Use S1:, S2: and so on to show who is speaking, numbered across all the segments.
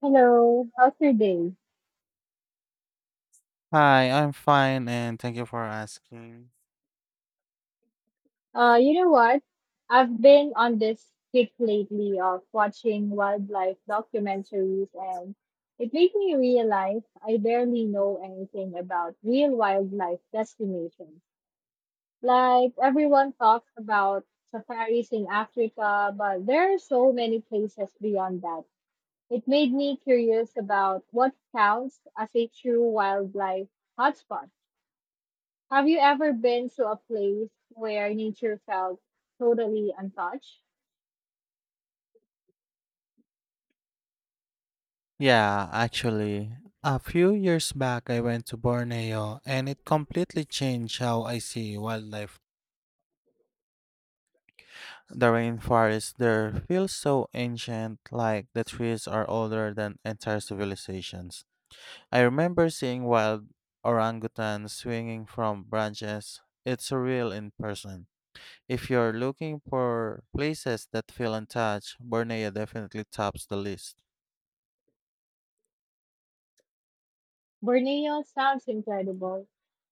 S1: Hello, how's your day?
S2: Hi, I'm fine and thank you for asking.
S1: You know what? I've been on this kick lately of watching wildlife documentaries, and it made me realize I barely know anything about real wildlife destinations. Like, everyone talks about safaris in Africa, but there are so many places beyond that. It made me curious about what counts as a true wildlife hotspot. Have you ever been to a place where nature felt totally untouched?
S2: Yeah, actually, a few years back I went to Borneo and it completely changed how I see wildlife. The rainforest there feels so ancient, like the trees are older than entire civilizations. I remember seeing wild orangutans swinging from branches. It's surreal in person. If you're looking for places that feel untouched, Borneo definitely tops the list.
S1: Borneo sounds incredible.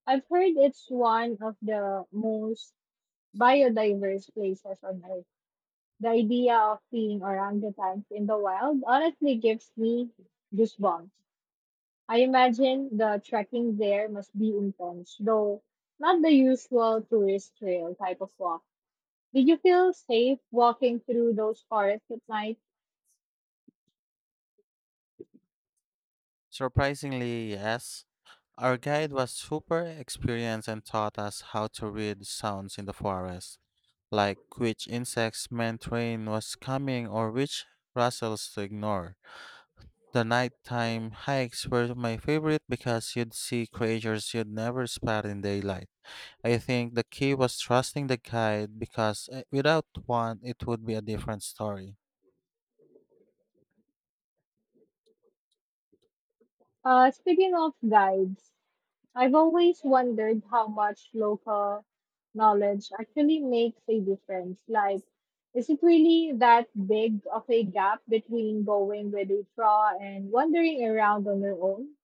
S1: I've heard it's one of the most biodiverse places on earth. The idea of seeing orangutans in the wild honestly gives me goosebumps. I imagine the trekking there must be intense, though not the usual tourist trail type of walk. Did you feel safe walking through those forests at night?
S2: Surprisingly, yes. Our guide was super experienced and taught us how to read sounds in the forest, like which insects meant rain was coming or which rustles to ignore. The nighttime hikes were my favorite because you'd see creatures you'd never spot in daylight. I think the key was trusting the guide because without one, it would be a different story.
S1: Speaking of guides, I've always wondered how much local knowledge actually makes a difference. Like, is it really that big of a gap between going with a draw and wandering around on your own?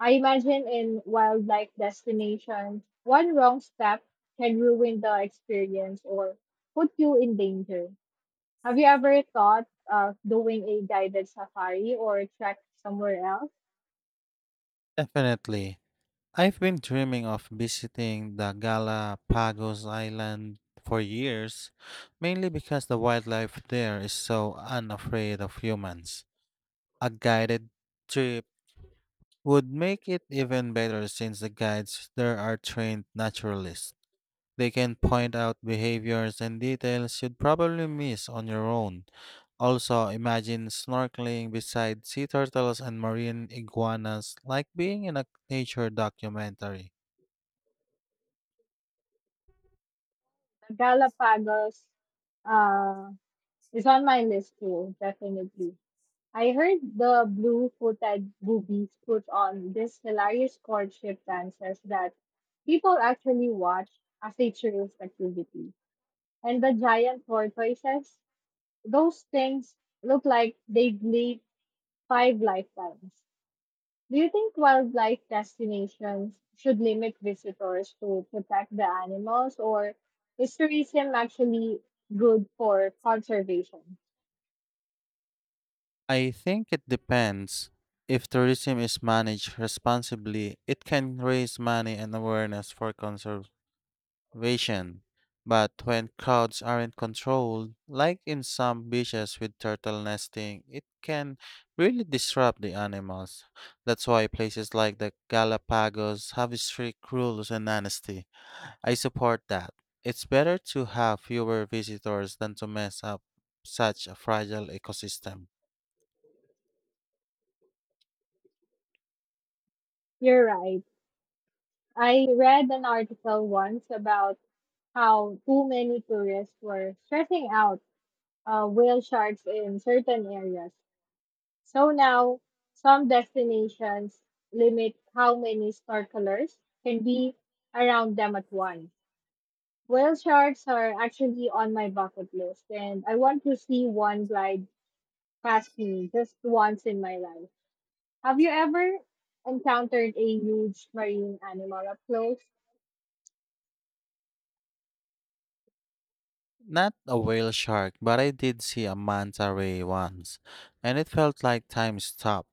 S1: I imagine in wildlife destinations, one wrong step can ruin the experience or put you in danger. Have you ever thought of doing a guided safari or trek somewhere else?
S2: Definitely. I've been dreaming of visiting the Galapagos Island for years, mainly because the wildlife there is so unafraid of humans. A guided trip would make it even better since the guides there are trained naturalists. They can point out behaviors and details you'd probably miss on your own. Also, imagine snorkeling beside sea turtles and marine iguanas like being in a nature documentary.
S1: Galapagos uh, is on my list too, definitely. I heard the blue-footed boobies put on this hilarious courtship dances that people actually watch as a tourist activity. And the giant tortoises, those things look like they've lived five lifetimes. Do you think wildlife destinations should limit visitors to protect the animals, or is tourism actually good for conservation?
S2: I think it depends. If tourism is managed responsibly, it can raise money and awareness for conservation. But when crowds aren't controlled, like in some beaches with turtle nesting, it can really disrupt the animals. That's why places like the Galapagos have strict rules and honesty. I support that. It's better to have fewer visitors than to mess up such a fragile ecosystem.
S1: You're right. I read an article once about how too many tourists were stressing out whale sharks in certain areas. So now, some destinations limit how many snorkelers can be around them at once. Whale sharks are actually on my bucket list, and I want to see one glide past me just once in my life. Have you ever encountered a huge marine animal up close?
S2: Not a whale shark, but I did see a manta ray once, and it felt like time stopped.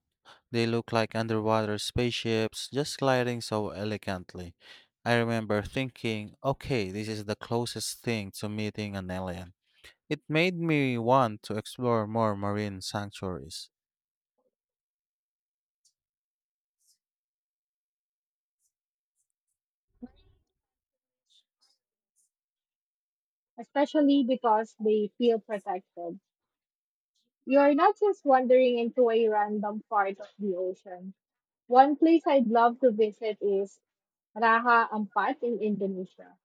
S2: They look like underwater spaceships, just gliding so elegantly. I remember thinking, okay, this is the closest thing to meeting an alien. It made me want to explore more marine sanctuaries.
S1: Especially because they feel protected. You're not just wandering into a random part of the ocean. One place I'd love to visit is Raha Ampat in Indonesia.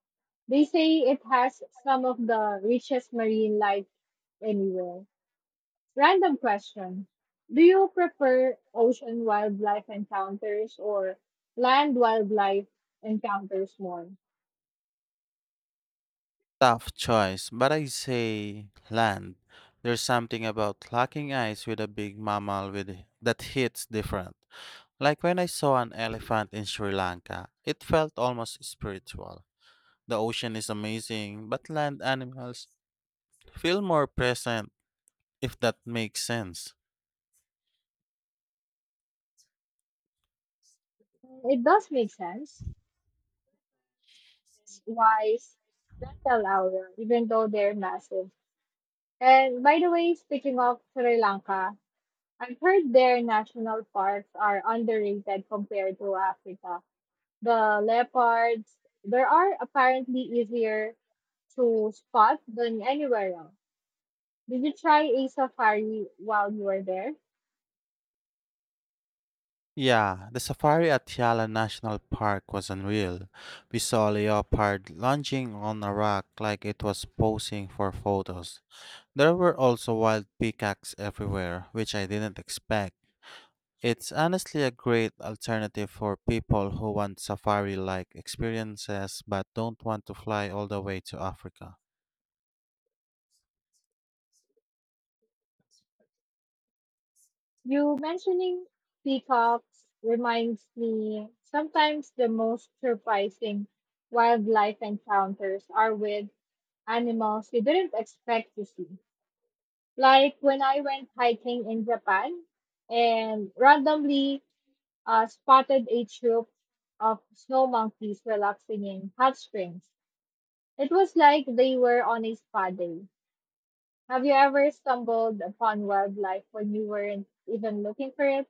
S1: They say it has some of the richest marine life anywhere. Random question. Do you prefer ocean wildlife encounters or land wildlife encounters more?
S2: Tough choice, but I say land. There's something about locking eyes with a big mammal with that hits different. Like when I saw an elephant in Sri Lanka, it felt almost spiritual. The ocean is amazing, but land animals feel more present, if that makes sense.
S1: It does make sense. It's wise dental hour, even though they're massive. And by the way, speaking of Sri Lanka, I've heard their national parks are underrated compared to Africa. The leopards, there are apparently easier to spot than anywhere else. Did you try a safari while you were there?
S2: Yeah, the safari at Yala National Park was unreal. We saw a leopard lunging on a rock like it was posing for photos. There were also wild peacocks everywhere, which I didn't expect. It's honestly a great alternative for people who want safari like experiences but don't want to fly all the way to Africa.
S1: You mentioning peacocks reminds me sometimes the most surprising wildlife encounters are with animals you didn't expect to see. Like when I went hiking in Japan and randomly spotted a troop of snow monkeys relaxing in hot springs. It was like they were on a spa day. Have you ever stumbled upon wildlife when you weren't even looking for it?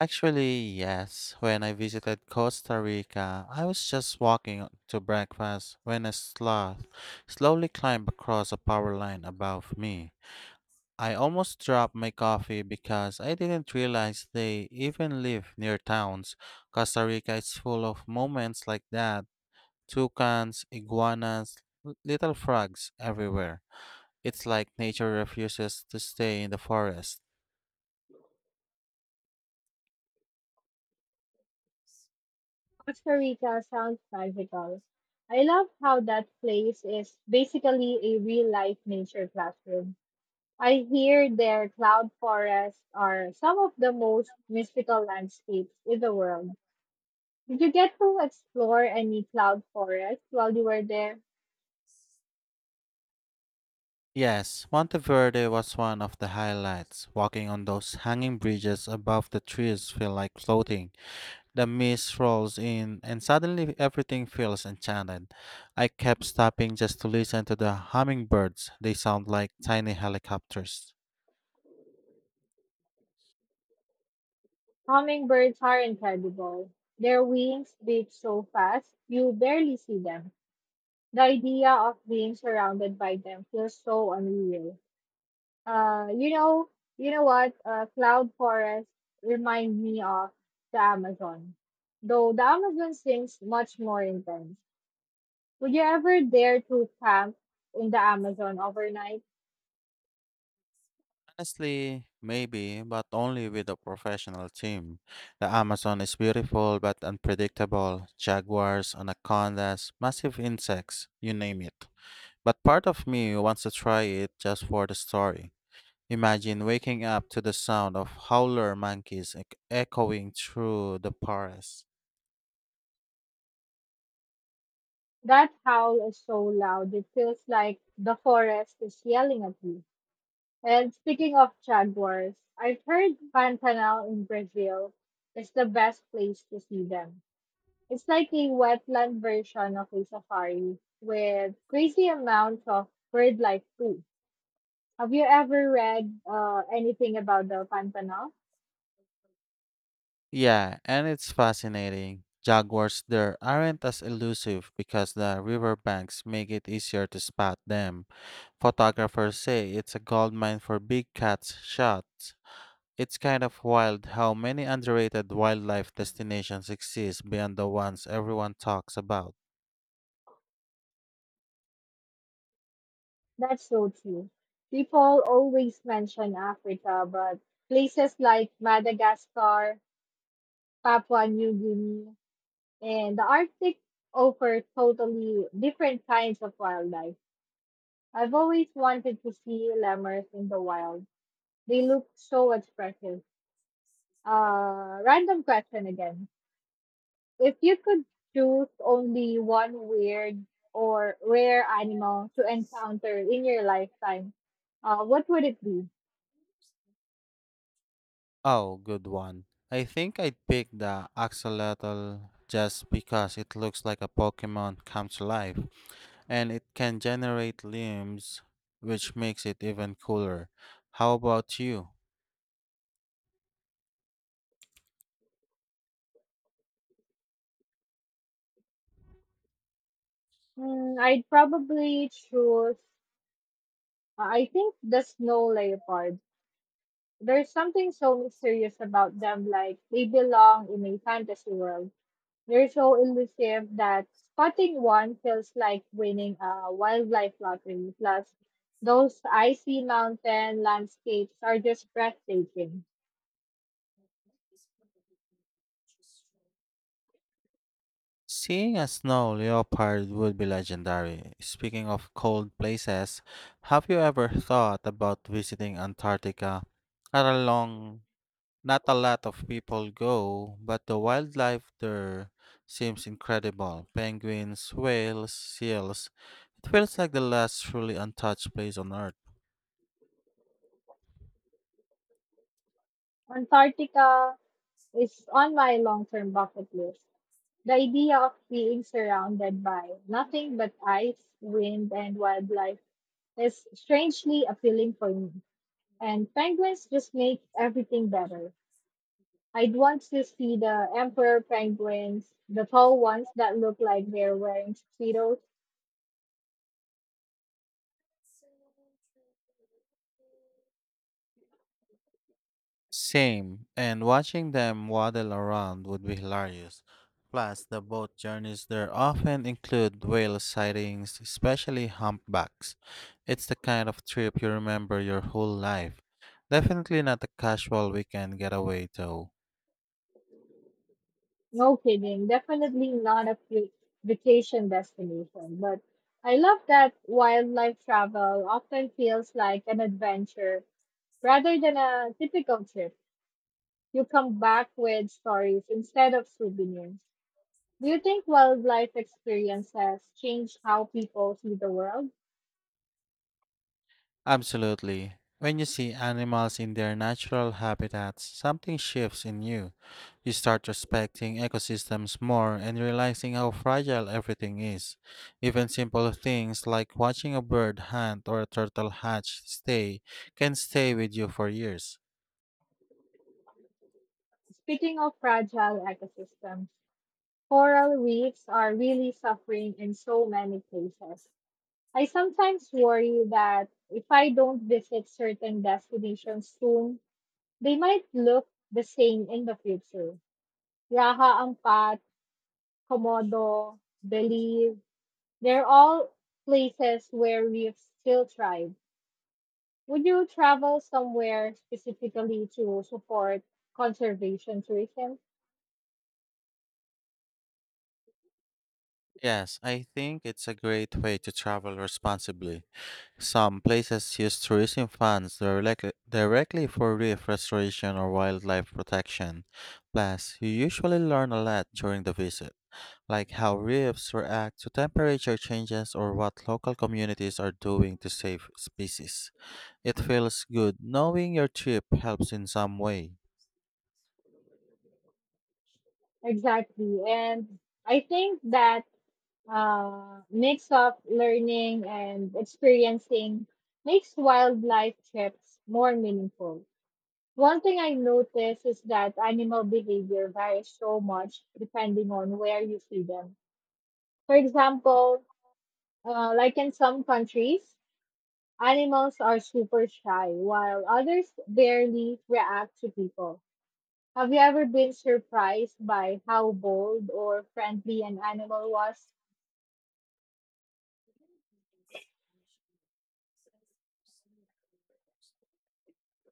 S2: Actually, yes, when I visited Costa Rica, I was just walking to breakfast when a sloth slowly climbed across a power line above me. I almost dropped my coffee because I didn't realize they even live near towns. Costa Rica is full of moments like that toucans, iguanas, little frogs everywhere. It's like nature refuses to stay in the forest.
S1: Costa Rica sounds magical. I love how that place is basically a real life nature classroom. I hear their cloud forests are some of the most mystical landscapes in the world. Did you get to explore any cloud forests while you were there?
S2: Yes, Monteverde was one of the highlights. Walking on those hanging bridges above the trees feel like floating. The mist rolls in and suddenly everything feels enchanted. I kept stopping just to listen to the hummingbirds. They sound like tiny helicopters.
S1: Hummingbirds are incredible. Their wings beat so fast, you barely see them. The idea of being surrounded by them feels so unreal. Uh, you know, you know what? Cloud forests remind me of the Amazon, though the Amazon seems much more intense. Would you ever dare to camp in the Amazon overnight?
S2: Honestly, maybe, but only with a professional team. The Amazon is beautiful but unpredictable. Jaguars, anacondas, massive insects, you name it. But part of me wants to try it just for the story. Imagine waking up to the sound of howler monkeys echoing through the forest.
S1: That howl is so loud; it feels like the forest is yelling at you. And speaking of jaguars, I've heard Pantanal in Brazil is the best place to see them. It's like a wetland version of a safari with crazy amounts of bird life too. Have you ever read anything about the Pantanal?
S2: Yeah, and it's fascinating. Jaguars there aren't as elusive because the riverbanks make it easier to spot them. Photographers say it's a goldmine for big cat shots. It's kind of wild how many underrated wildlife destinations exist beyond the ones everyone talks about.
S1: That's so true. People always mention Africa, but places like Madagascar, Papua New Guinea, and the Arctic offer totally different kinds of wildlife. I've always wanted to see lemurs in the wild. They look so expressive. Random question again. If you could choose only one weird or rare animal to encounter in your lifetime, what would it be?
S2: Oh, good one. I think I'd pick the axolotl just because it looks like a Pokemon come to life, and it can generate limbs, which makes it even cooler. How about you?
S1: Hmm, I'd probably choose, I think, the snow leopard. There's something so mysterious about them, like they belong in a fantasy world. They're so elusive that spotting one feels like winning a wildlife lottery. Plus, those icy mountain landscapes are just breathtaking.
S2: Seeing a snow leopard would be legendary. Speaking of cold places, have you ever thought about visiting Antarctica? Not a long, Not a lot of people go, but the wildlife there seems incredible. Penguins, whales, seals. It feels like the last truly untouched place on Earth.
S1: Antarctica is on my long term bucket list. The idea of being surrounded by nothing but ice, wind, and wildlife is strangely appealing for me. And penguins just make everything better. I'd want to see the emperor penguins, the tall ones that look like they're wearing speedos.
S2: Same, and watching them waddle around would be hilarious. Plus, the boat journeys there often include whale sightings, especially humpbacks. It's the kind of trip you remember your whole life. Definitely not a casual weekend getaway, though.
S1: No kidding, definitely not a cute vacation destination. But I love that wildlife travel often feels like an adventure rather than a typical trip. You come back with stories instead of souvenirs. Do you think wildlife experiences change how people see the world?
S2: Absolutely. When you see animals in their natural habitats, something shifts in you. You start respecting ecosystems more and realizing how fragile everything is. Even simple things like watching a bird hunt or a turtle hatch stay can stay with you for years.
S1: Speaking of fragile ecosystems, coral reefs are really suffering in so many places. I sometimes worry that if I don't visit certain destinations soon, they might look the same in the future. Raha Ampat, Komodo, Belize, they're all places where reefs still thrive. Would you travel somewhere specifically to support conservation tourism?
S2: Yes, I think it's a great way to travel responsibly. Some places use tourism funds directly for reef restoration or wildlife protection. Plus, you usually learn a lot during the visit, like how reefs react to temperature changes or what local communities are doing to save species. It feels good knowing your trip helps in some way.
S1: Exactly. And I think that mix of learning and experiencing makes wildlife trips more meaningful. One thing I noticed is that animal behavior varies so much depending on where you see them. For example, like in some countries, animals are super shy, while others barely react to people. Have you ever been surprised by how bold or friendly an animal was?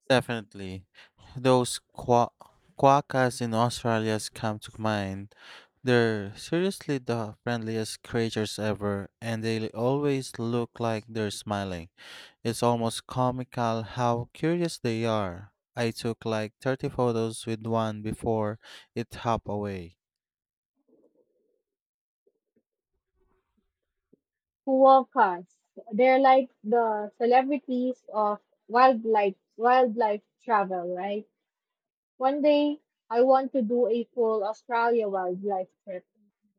S2: Definitely. Those quakas in Australia come to mind. They're seriously the friendliest creatures ever, and they always look like they're smiling. It's almost comical how curious they are. I took like 30 photos with one before it hopped away.
S1: Huacas. They're like the celebrities of wildlife travel, right? One day I want to do a full Australia wildlife trip,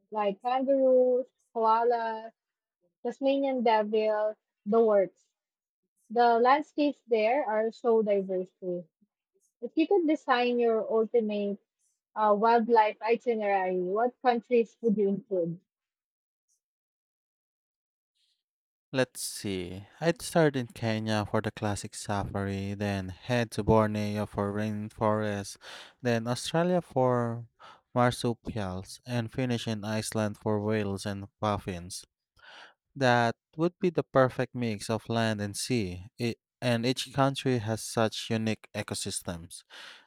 S1: like kangaroos, koalas, Tasmanian devil, the works. The landscapes there are so diverse too. If you could design your ultimate wildlife itinerary, what countries would you include?
S2: Let's see. I'd start in Kenya for the classic safari, then head to Borneo for rainforest, then Australia for marsupials, and finish in Iceland for whales and puffins. That would be the perfect mix of land and sea. It, and each country has such unique ecosystems.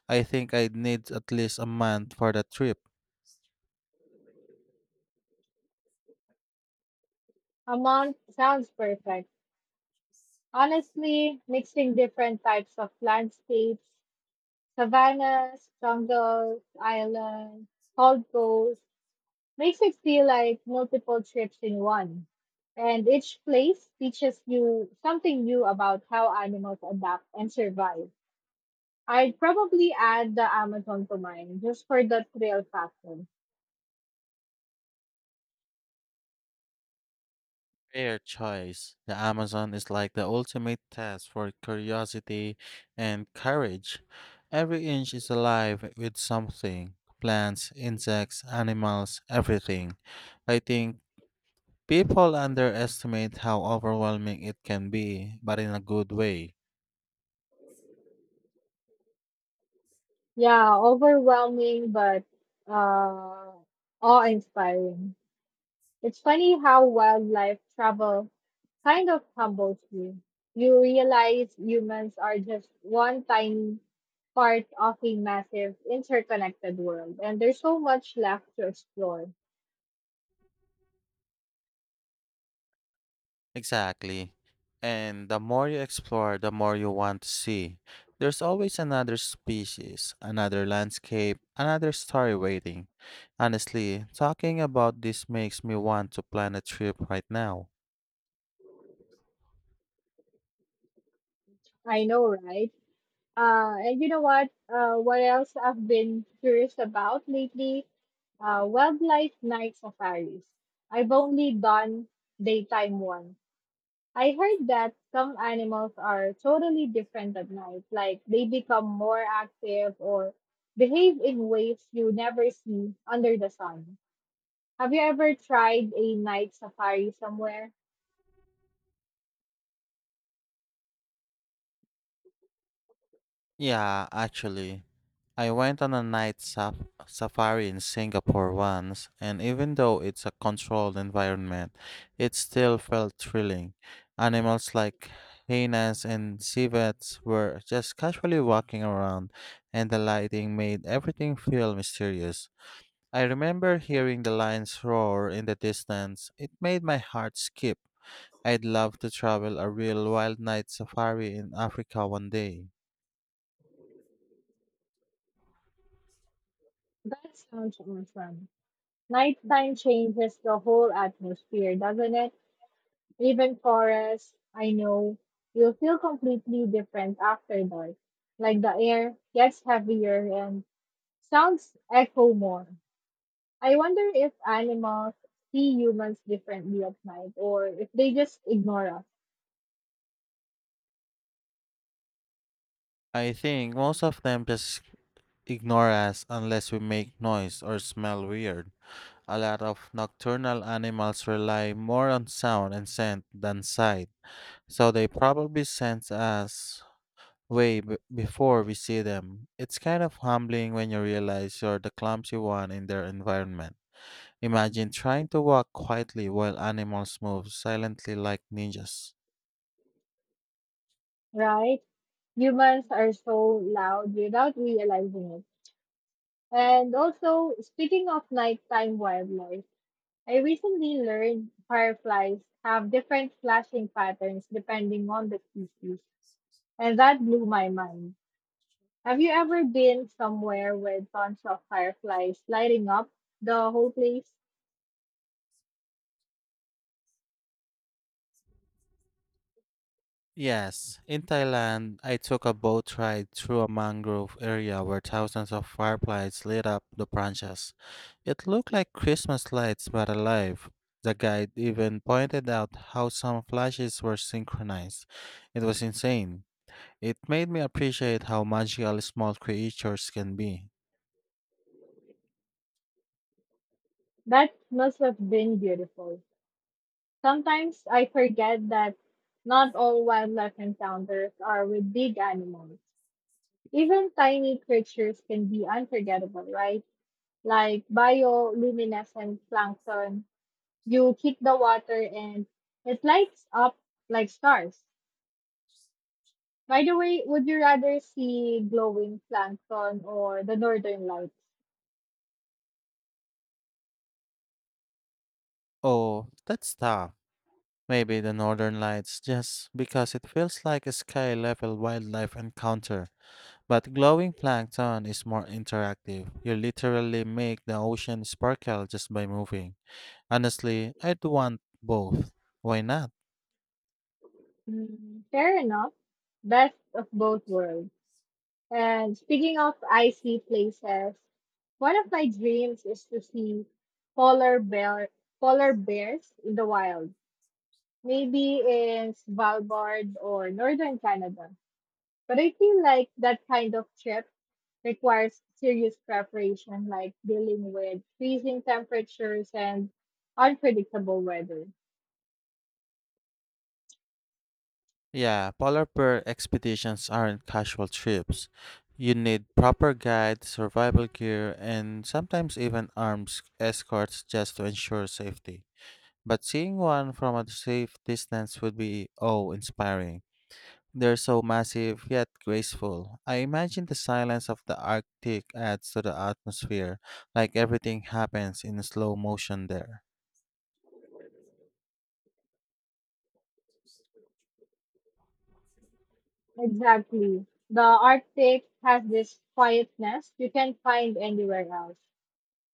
S2: I think I'd need at least a month for the trip.
S1: Amman sounds perfect. Honestly, mixing different types of landscapes, savannas, jungles, islands, cold coast, makes it feel like multiple trips in one. And each place teaches you something new about how animals adapt and survive. I'd probably add the Amazon to mine just for the thrill factor.
S2: Fair choice. The Amazon is like the ultimate test for curiosity and courage. Every inch is alive with something plants, insects, animals, everything. I think people underestimate how overwhelming it can be, but in a good way.
S1: Yeah, overwhelming but uh, awe-inspiring. It's funny how wildlife travel kind of humbles you. You realize humans are just one tiny part of a massive interconnected world, and there's so much left to explore.
S2: Exactly. And the more you explore, the more you want to see. There's always another species, another landscape, another story waiting. Honestly, talking about this makes me want to plan a trip right now.
S1: I know, right? And you know what? What else I've been curious about lately? Wildlife night safaris. I've only done daytime ones. I heard that some animals are totally different at night, like they become more active or behave in ways you never see under the sun. Have you ever tried a night safari somewhere?
S2: Yeah, actually, I went on a night safari in Singapore once, and even though it's a controlled environment, it still felt thrilling. Animals like hyenas and civets were just casually walking around, and the lighting made everything feel mysterious. I remember hearing the lions roar in the distance. It made my heart skip. I'd love to travel a real wild night safari in Africa one day.
S1: That sounds awesome. Nighttime changes the whole atmosphere, doesn't it? Even forests, I know, will feel completely different after dark. Like the air gets heavier and sounds echo more. I wonder if animals see humans differently at night or if they just ignore us,
S2: I think most of them just ignore us unless we make noise or smell weird. A lot of nocturnal animals rely more on sound and scent than sight, so they probably sense us way before we see them. It's kind of humbling when you realize you're the clumsy one in their environment. Imagine trying to walk quietly while animals move silently like ninjas.
S1: right? Humans are so loud without realizing it. And also, speaking of nighttime wildlife, I recently learned fireflies have different flashing patterns depending on the species, and that blew my mind. Have you ever been somewhere with tons of fireflies lighting up the whole place?
S2: Yes, in Thailand, I took a boat ride through a mangrove area where thousands of fireflies lit up the branches. It looked like Christmas lights but alive. The guide even pointed out how some flashes were synchronized. It was insane. It made me appreciate how magical small creatures can be.
S1: That must have been beautiful. Sometimes I forget that not all wildlife encounters are with big animals. Even tiny creatures can be unforgettable, right? Like bioluminescent plankton. You hit the water and it lights up like stars. By the way, would you rather see glowing plankton or the northern lights?
S2: Oh, that's tough. Maybe the northern lights just because it feels like a sky level wildlife encounter. But glowing plankton is more interactive. You literally make the ocean sparkle just by moving. Honestly, I'd want both. Why not?
S1: Mm, fair enough. Best of both worlds. And speaking of icy places, one of my dreams is to see polar bear polar bears in the wild, maybe in Svalbard or northern Canada. But I feel like that kind of trip requires serious preparation, like dealing with freezing temperatures and unpredictable weather.
S2: Yeah, polar bear expeditions aren't casual trips. You need proper guide, survival gear, and sometimes even armed escorts just to ensure safety. But seeing one from a safe distance would be awe-inspiring. They're so massive yet graceful. I imagine the silence of the Arctic adds to the atmosphere, like everything happens in slow motion there.
S1: Exactly. The Arctic has this quietness you can't find anywhere else.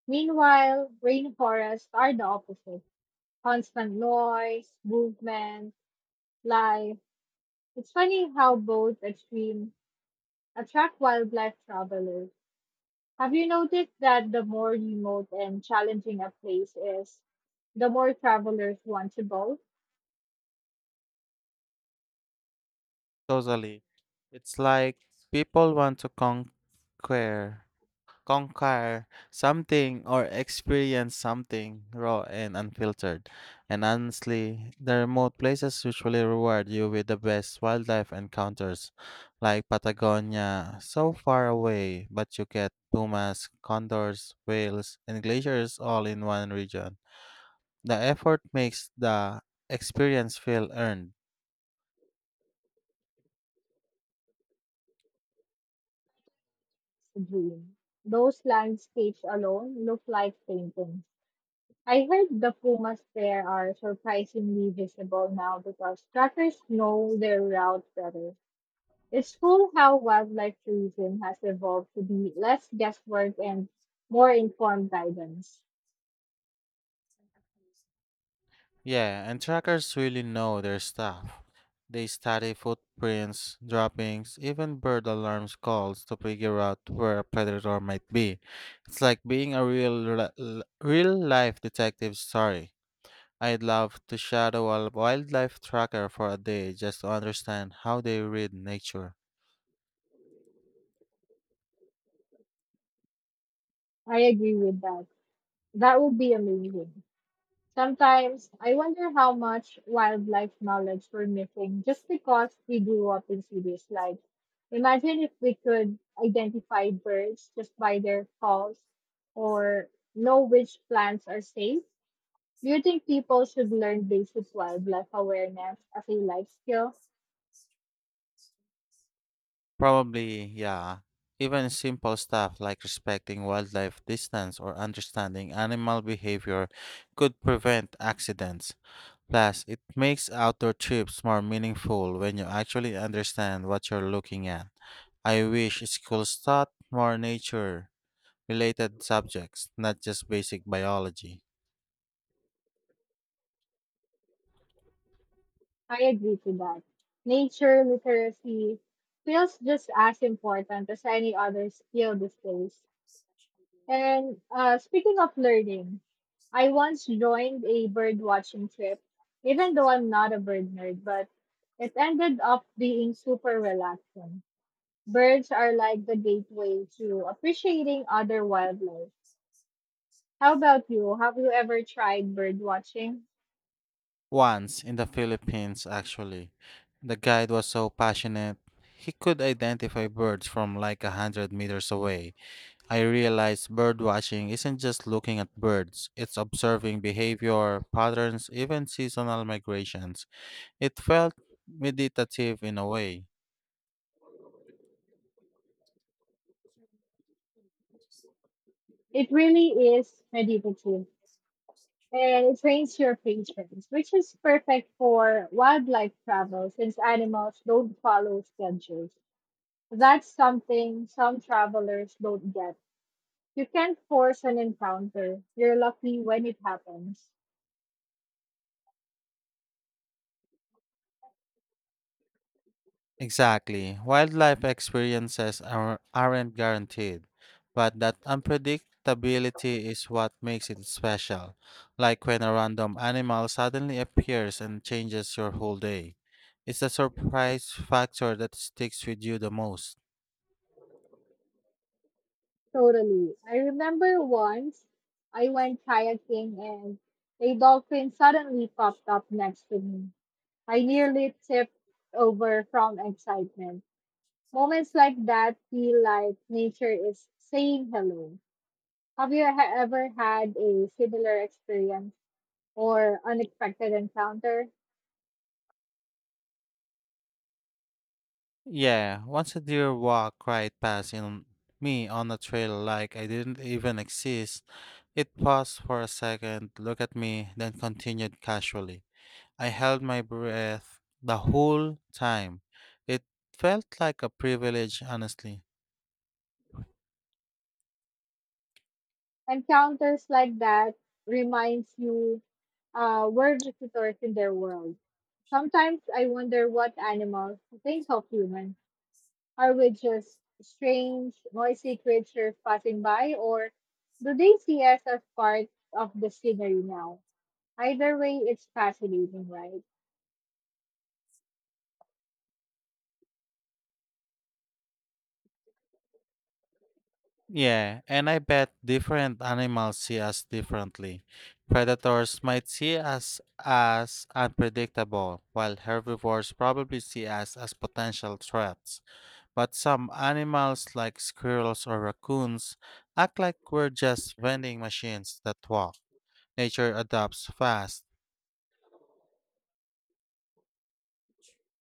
S1: Meanwhile, rainforests are the opposite constant noise, movement, life. It's funny how both extremes attract wildlife travelers. Have you noticed that the more remote and challenging a place is, the more travelers want to both?
S2: Totally. It's like people want to conquer something or experience something raw and unfiltered. And honestly, the remote places usually reward you with the best wildlife encounters, like Patagonia, so far away, but you get pumas, condors, whales, and glaciers all in one region. The effort makes the experience feel earned.
S1: It's a dream. Those landscapes alone look like paintings. I heard the pumas there are surprisingly visible now because trackers know their route better. It's cool how wildlife tourism has evolved to be less guesswork and more informed guidance.
S2: Yeah, and trackers really know their stuff. They study footprints, droppings, even bird alarms calls to figure out where a predator might be. It's like being a real life detective story. I'd love to shadow a wildlife tracker for a day just to understand how they read nature.
S1: I agree with that. That would be amazing. Sometimes I wonder how much wildlife knowledge we're missing just because we grew up in cities. Like, imagine if we could identify birds just by their calls or know which plants are safe. Do you think people should learn basic wildlife awareness as a life skill?
S2: Probably, yeah. Even simple stuff like respecting wildlife distance or understanding animal behavior could prevent accidents. Plus, it makes outdoor trips more meaningful when you actually understand what you're looking at. I wish schools taught more nature related subjects, not just basic biology.
S1: I agree to that. Nature literacy feels just as important as any other skill these days. And speaking of learning, I once joined a bird watching trip, even though I'm not a bird nerd, but it ended up being super relaxing. Birds are like the gateway to appreciating other wildlife. How about you? Have you ever tried bird watching?
S2: Once in the Philippines, actually, the guide was so passionate, he could identify birds from like 100 meters away. I realized bird watching isn't just looking at birds, it's observing behavior, patterns, even seasonal migrations. It felt meditative in a way.
S1: It really is meditative, and it trains your patience, which is perfect for wildlife travel since animals don't follow schedules. That's something some travelers don't get. You can't force an encounter. You're lucky when it happens.
S2: Exactly. Wildlife experiences aren't guaranteed, but that unpredictability is what makes it special. Like when a random animal suddenly appears and changes your whole day. It's the surprise factor that sticks with you the most.
S1: Totally. I remember once I went kayaking and a dolphin suddenly popped up next to me. I nearly tipped over from excitement. Moments like that feel like nature is saying hello. Have you ever had a similar experience or unexpected encounter?
S2: Yeah, once a deer walked right past in me on a trail like I didn't even exist, it paused for a second, looked at me, then continued casually. I held my breath the whole time. It felt like a privilege, honestly.
S1: Encounters like that reminds you we're visitors in their world. Sometimes I wonder what animals think of humans. Are we just strange, noisy creatures passing by, or do they see us as part of the scenery now? Either way, it's fascinating, right?
S2: Yeah, and I bet different animals see us differently. Predators might see us as unpredictable, while herbivores probably see us as potential threats. But some animals, like squirrels or raccoons, act like we're just vending machines that walk. Nature adapts fast.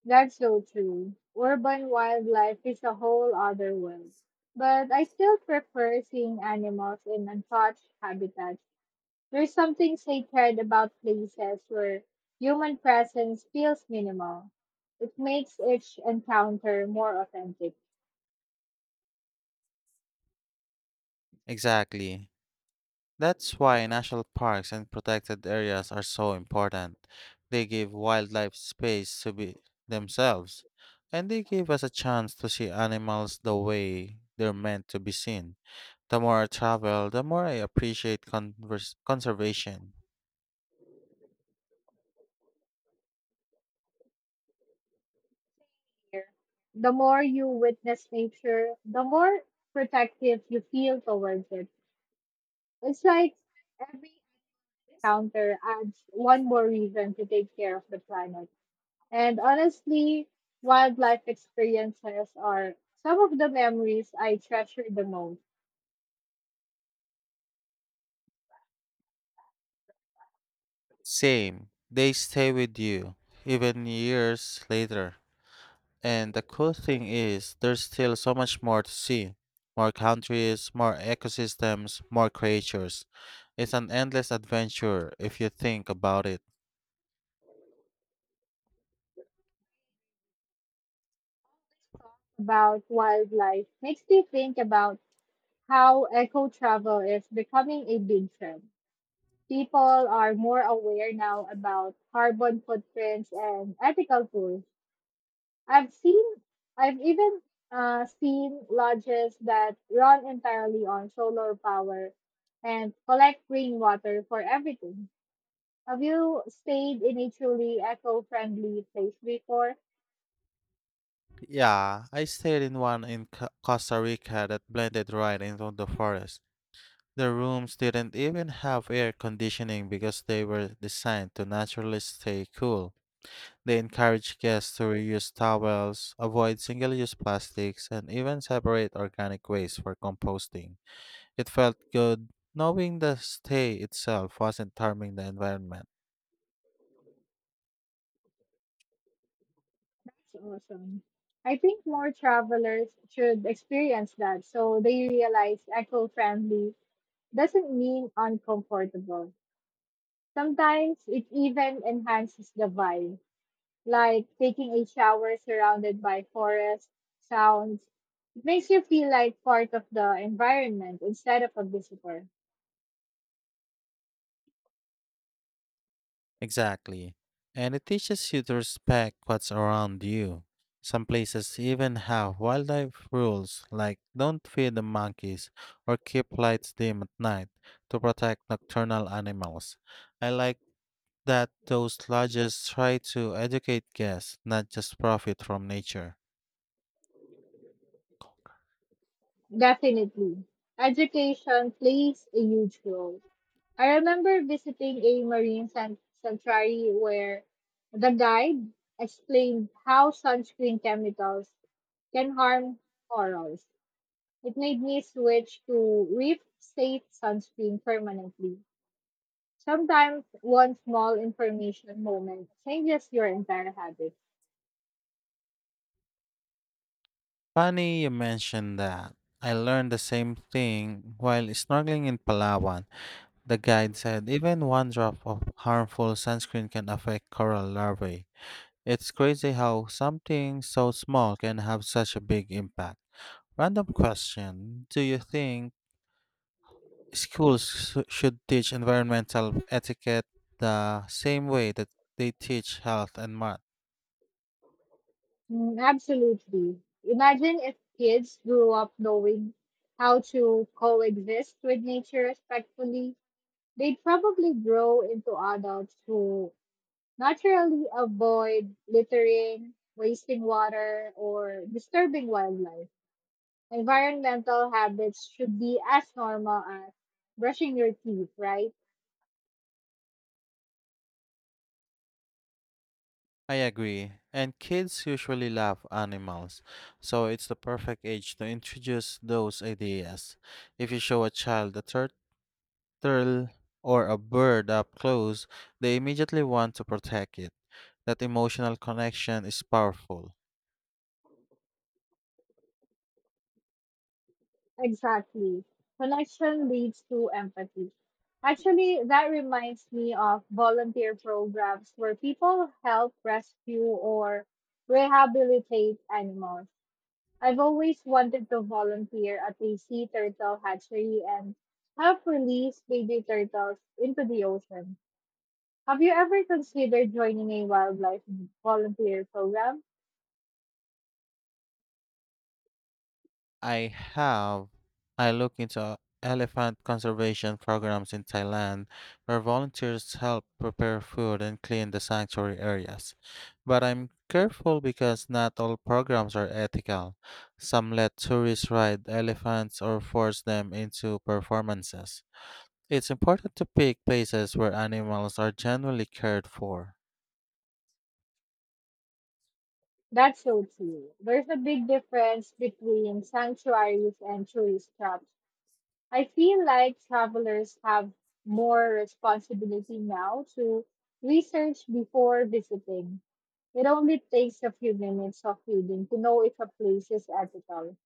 S1: That's so true. Urban wildlife is a whole other world. But I still prefer seeing animals in untouched habitats. There's something sacred about places where human presence feels minimal. It makes each encounter more authentic.
S2: Exactly. That's why national parks and protected areas are so important. They give wildlife space to be themselves, and they give us a chance to see animals the way they're meant to be seen. The more I travel, the more I appreciate conservation.
S1: Here, the more you witness nature, the more protective you feel towards it. It's like every encounter adds one more reason to take care of the planet. And honestly, wildlife experiences are some of the memories I treasure the most.
S2: Same, they stay with you, even years later. And the cool thing is, there's still so much more to see, more countries, more ecosystems, more creatures. It's an endless adventure if you think about it.
S1: Talk about wildlife makes me think about how eco travel is becoming a big trend. People are more aware now about carbon footprints and ethical tools. I've seen, I've even seen lodges that run entirely on solar power and collect rainwater for everything. Have you stayed in a truly eco-friendly place before?
S2: Yeah, I stayed in one in Costa Rica that blended right into the forest. The rooms didn't even have air conditioning because they were designed to naturally stay cool. They encourage guests to reuse towels, avoid single use plastics, and even separate organic waste for composting. It felt good knowing the stay itself wasn't harming the environment.
S1: That's awesome. I think more travelers should experience that so they realize eco-friendly doesn't mean uncomfortable. Sometimes it even enhances the vibe, like taking a shower surrounded by forest sounds. It makes you feel like part of the environment instead of a visitor.
S2: Exactly. And it teaches you to respect what's around you. Some places even have wildlife rules like don't feed the monkeys or keep lights dim at night to protect nocturnal animals. I like that those lodges try to educate guests, not just profit from nature.
S1: Definitely. Education plays a huge role. I remember visiting a marine sanctuary where the guide explained how sunscreen chemicals can harm corals. It made me switch to reef safe sunscreen permanently. Sometimes one small information moment changes your entire habit.
S2: Funny you mentioned that. I learned the same thing while snorkeling in Palawan. The guide said even one drop of harmful sunscreen can affect coral larvae. It's crazy how something so small can have such a big impact. Random question, do you think schools should teach environmental etiquette the same way that they teach health and math?
S1: Mm, absolutely. Imagine if kids grew up knowing how to coexist with nature respectfully. They'd probably grow into adults who naturally avoid littering, wasting water, or disturbing wildlife. Environmental habits should be as normal as brushing your teeth, right?
S2: I agree. And kids usually love animals, so it's the perfect age to introduce those ideas. If you show a child a turtle or a bird up close, they immediately want to protect it. That emotional connection is powerful.
S1: Exactly. Connection leads to empathy. Actually, that reminds me of volunteer programs where people help rescue or rehabilitate animals. I've always wanted to volunteer at a sea turtle hatchery and help release baby turtles into the ocean. Have you ever considered joining a wildlife volunteer program?
S2: I have, I look into elephant conservation programs in Thailand where volunteers help prepare food and clean the sanctuary areas. But I'm careful because not all programs are ethical. Some let tourists ride elephants or force them into performances. It's important to pick places where animals are genuinely cared for.
S1: That's so true. There's a big difference between sanctuaries and tourist traps. I feel like travelers have more responsibility now to research before visiting. It only takes a few minutes of reading to know if a place is ethical.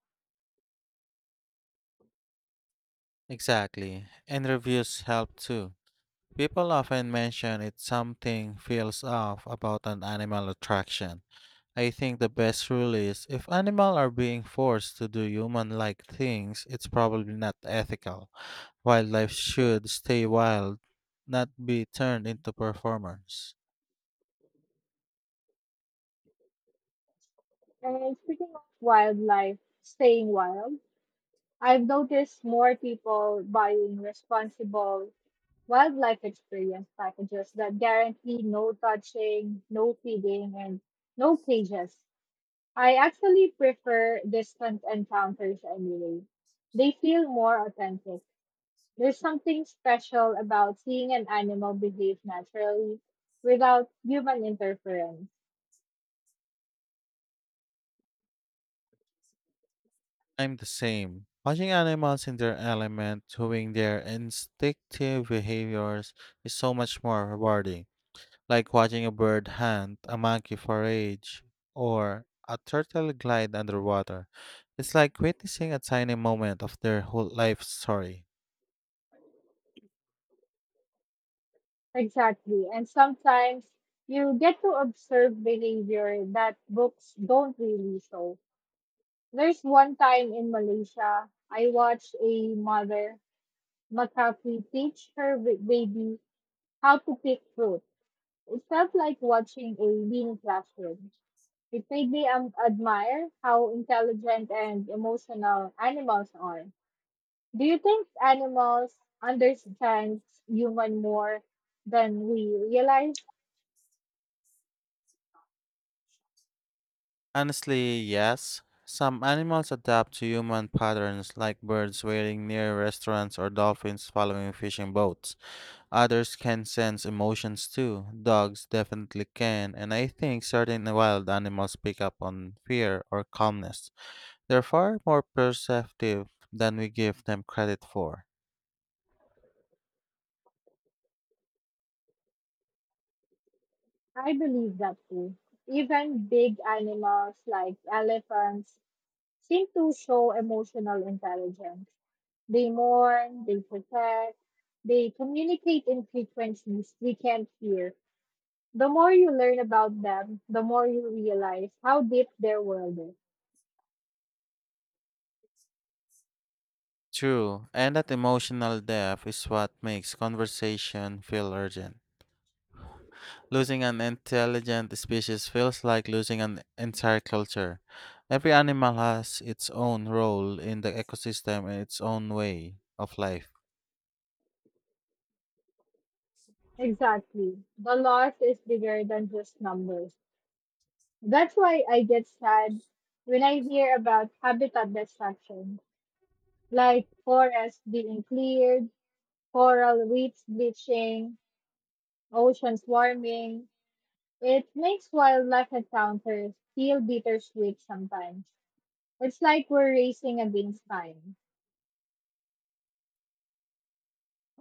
S2: Exactly, and reviews help too. People often mention if something feels off about an animal attraction. I think the best rule is if animals are being forced to do human like things, it's probably not ethical. Wildlife should stay wild, not be turned into performers.
S1: And speaking of wildlife, staying wild, I've noticed more people buying responsible wildlife experience packages that guarantee no touching, no feeding, and no cages. I actually prefer distant encounters anyway. They feel more authentic. There's something special about seeing an animal behave naturally without human interference.
S2: I'm the same. Watching animals in their element, doing their instinctive behaviors, is so much more rewarding. Like watching a bird hunt, a monkey forage, or a turtle glide underwater. It's like witnessing a tiny moment of their whole life story.
S1: Exactly. And sometimes you get to observe behavior that books don't really show. There's one time in Malaysia, I watched a mother macaque teach her baby how to pick fruit. It felt like watching a mini classroom. It made me admire how intelligent and emotional animals are. Do you think animals understand human more than we realize?
S2: Honestly, yes. Some animals adapt to human patterns, like birds waiting near restaurants or dolphins following fishing boats. Others can sense emotions too. Dogs definitely can, and I think certain wild animals pick up on fear or calmness. They're far more perceptive than we give them credit for.
S1: I believe that too. Even big animals like elephants seem to show emotional intelligence. They mourn, they protect, they communicate in frequencies we can't hear. The more you learn about them, the more you realize how deep their world is.
S2: True, and that emotional depth is what makes conversation feel urgent. Losing an intelligent species feels like losing an entire culture. Every animal has its own role in the ecosystem and its own way of life.
S1: Exactly. The loss is bigger than just numbers. That's why I get sad when I hear about habitat destruction, like forests being cleared, coral reefs bleaching, oceans warming. It makes wildlife encounters feel bittersweet sometimes. It's like we're racing against time.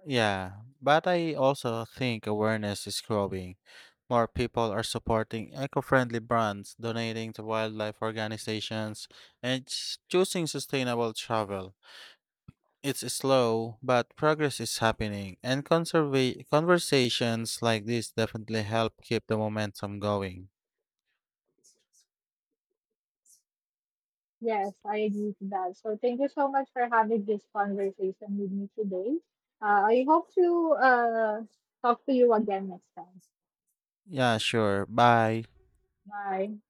S2: Yeah, but I also think awareness is growing. More people are supporting eco friendly brands, donating to wildlife organizations, and choosing sustainable travel. It's slow, but progress is happening, and conversations like this definitely help keep the momentum going.
S1: Yes, I agree to that. So thank you so much for having this conversation with me today. I hope to talk to you again next time.
S2: Yeah, sure. Bye.
S1: Bye.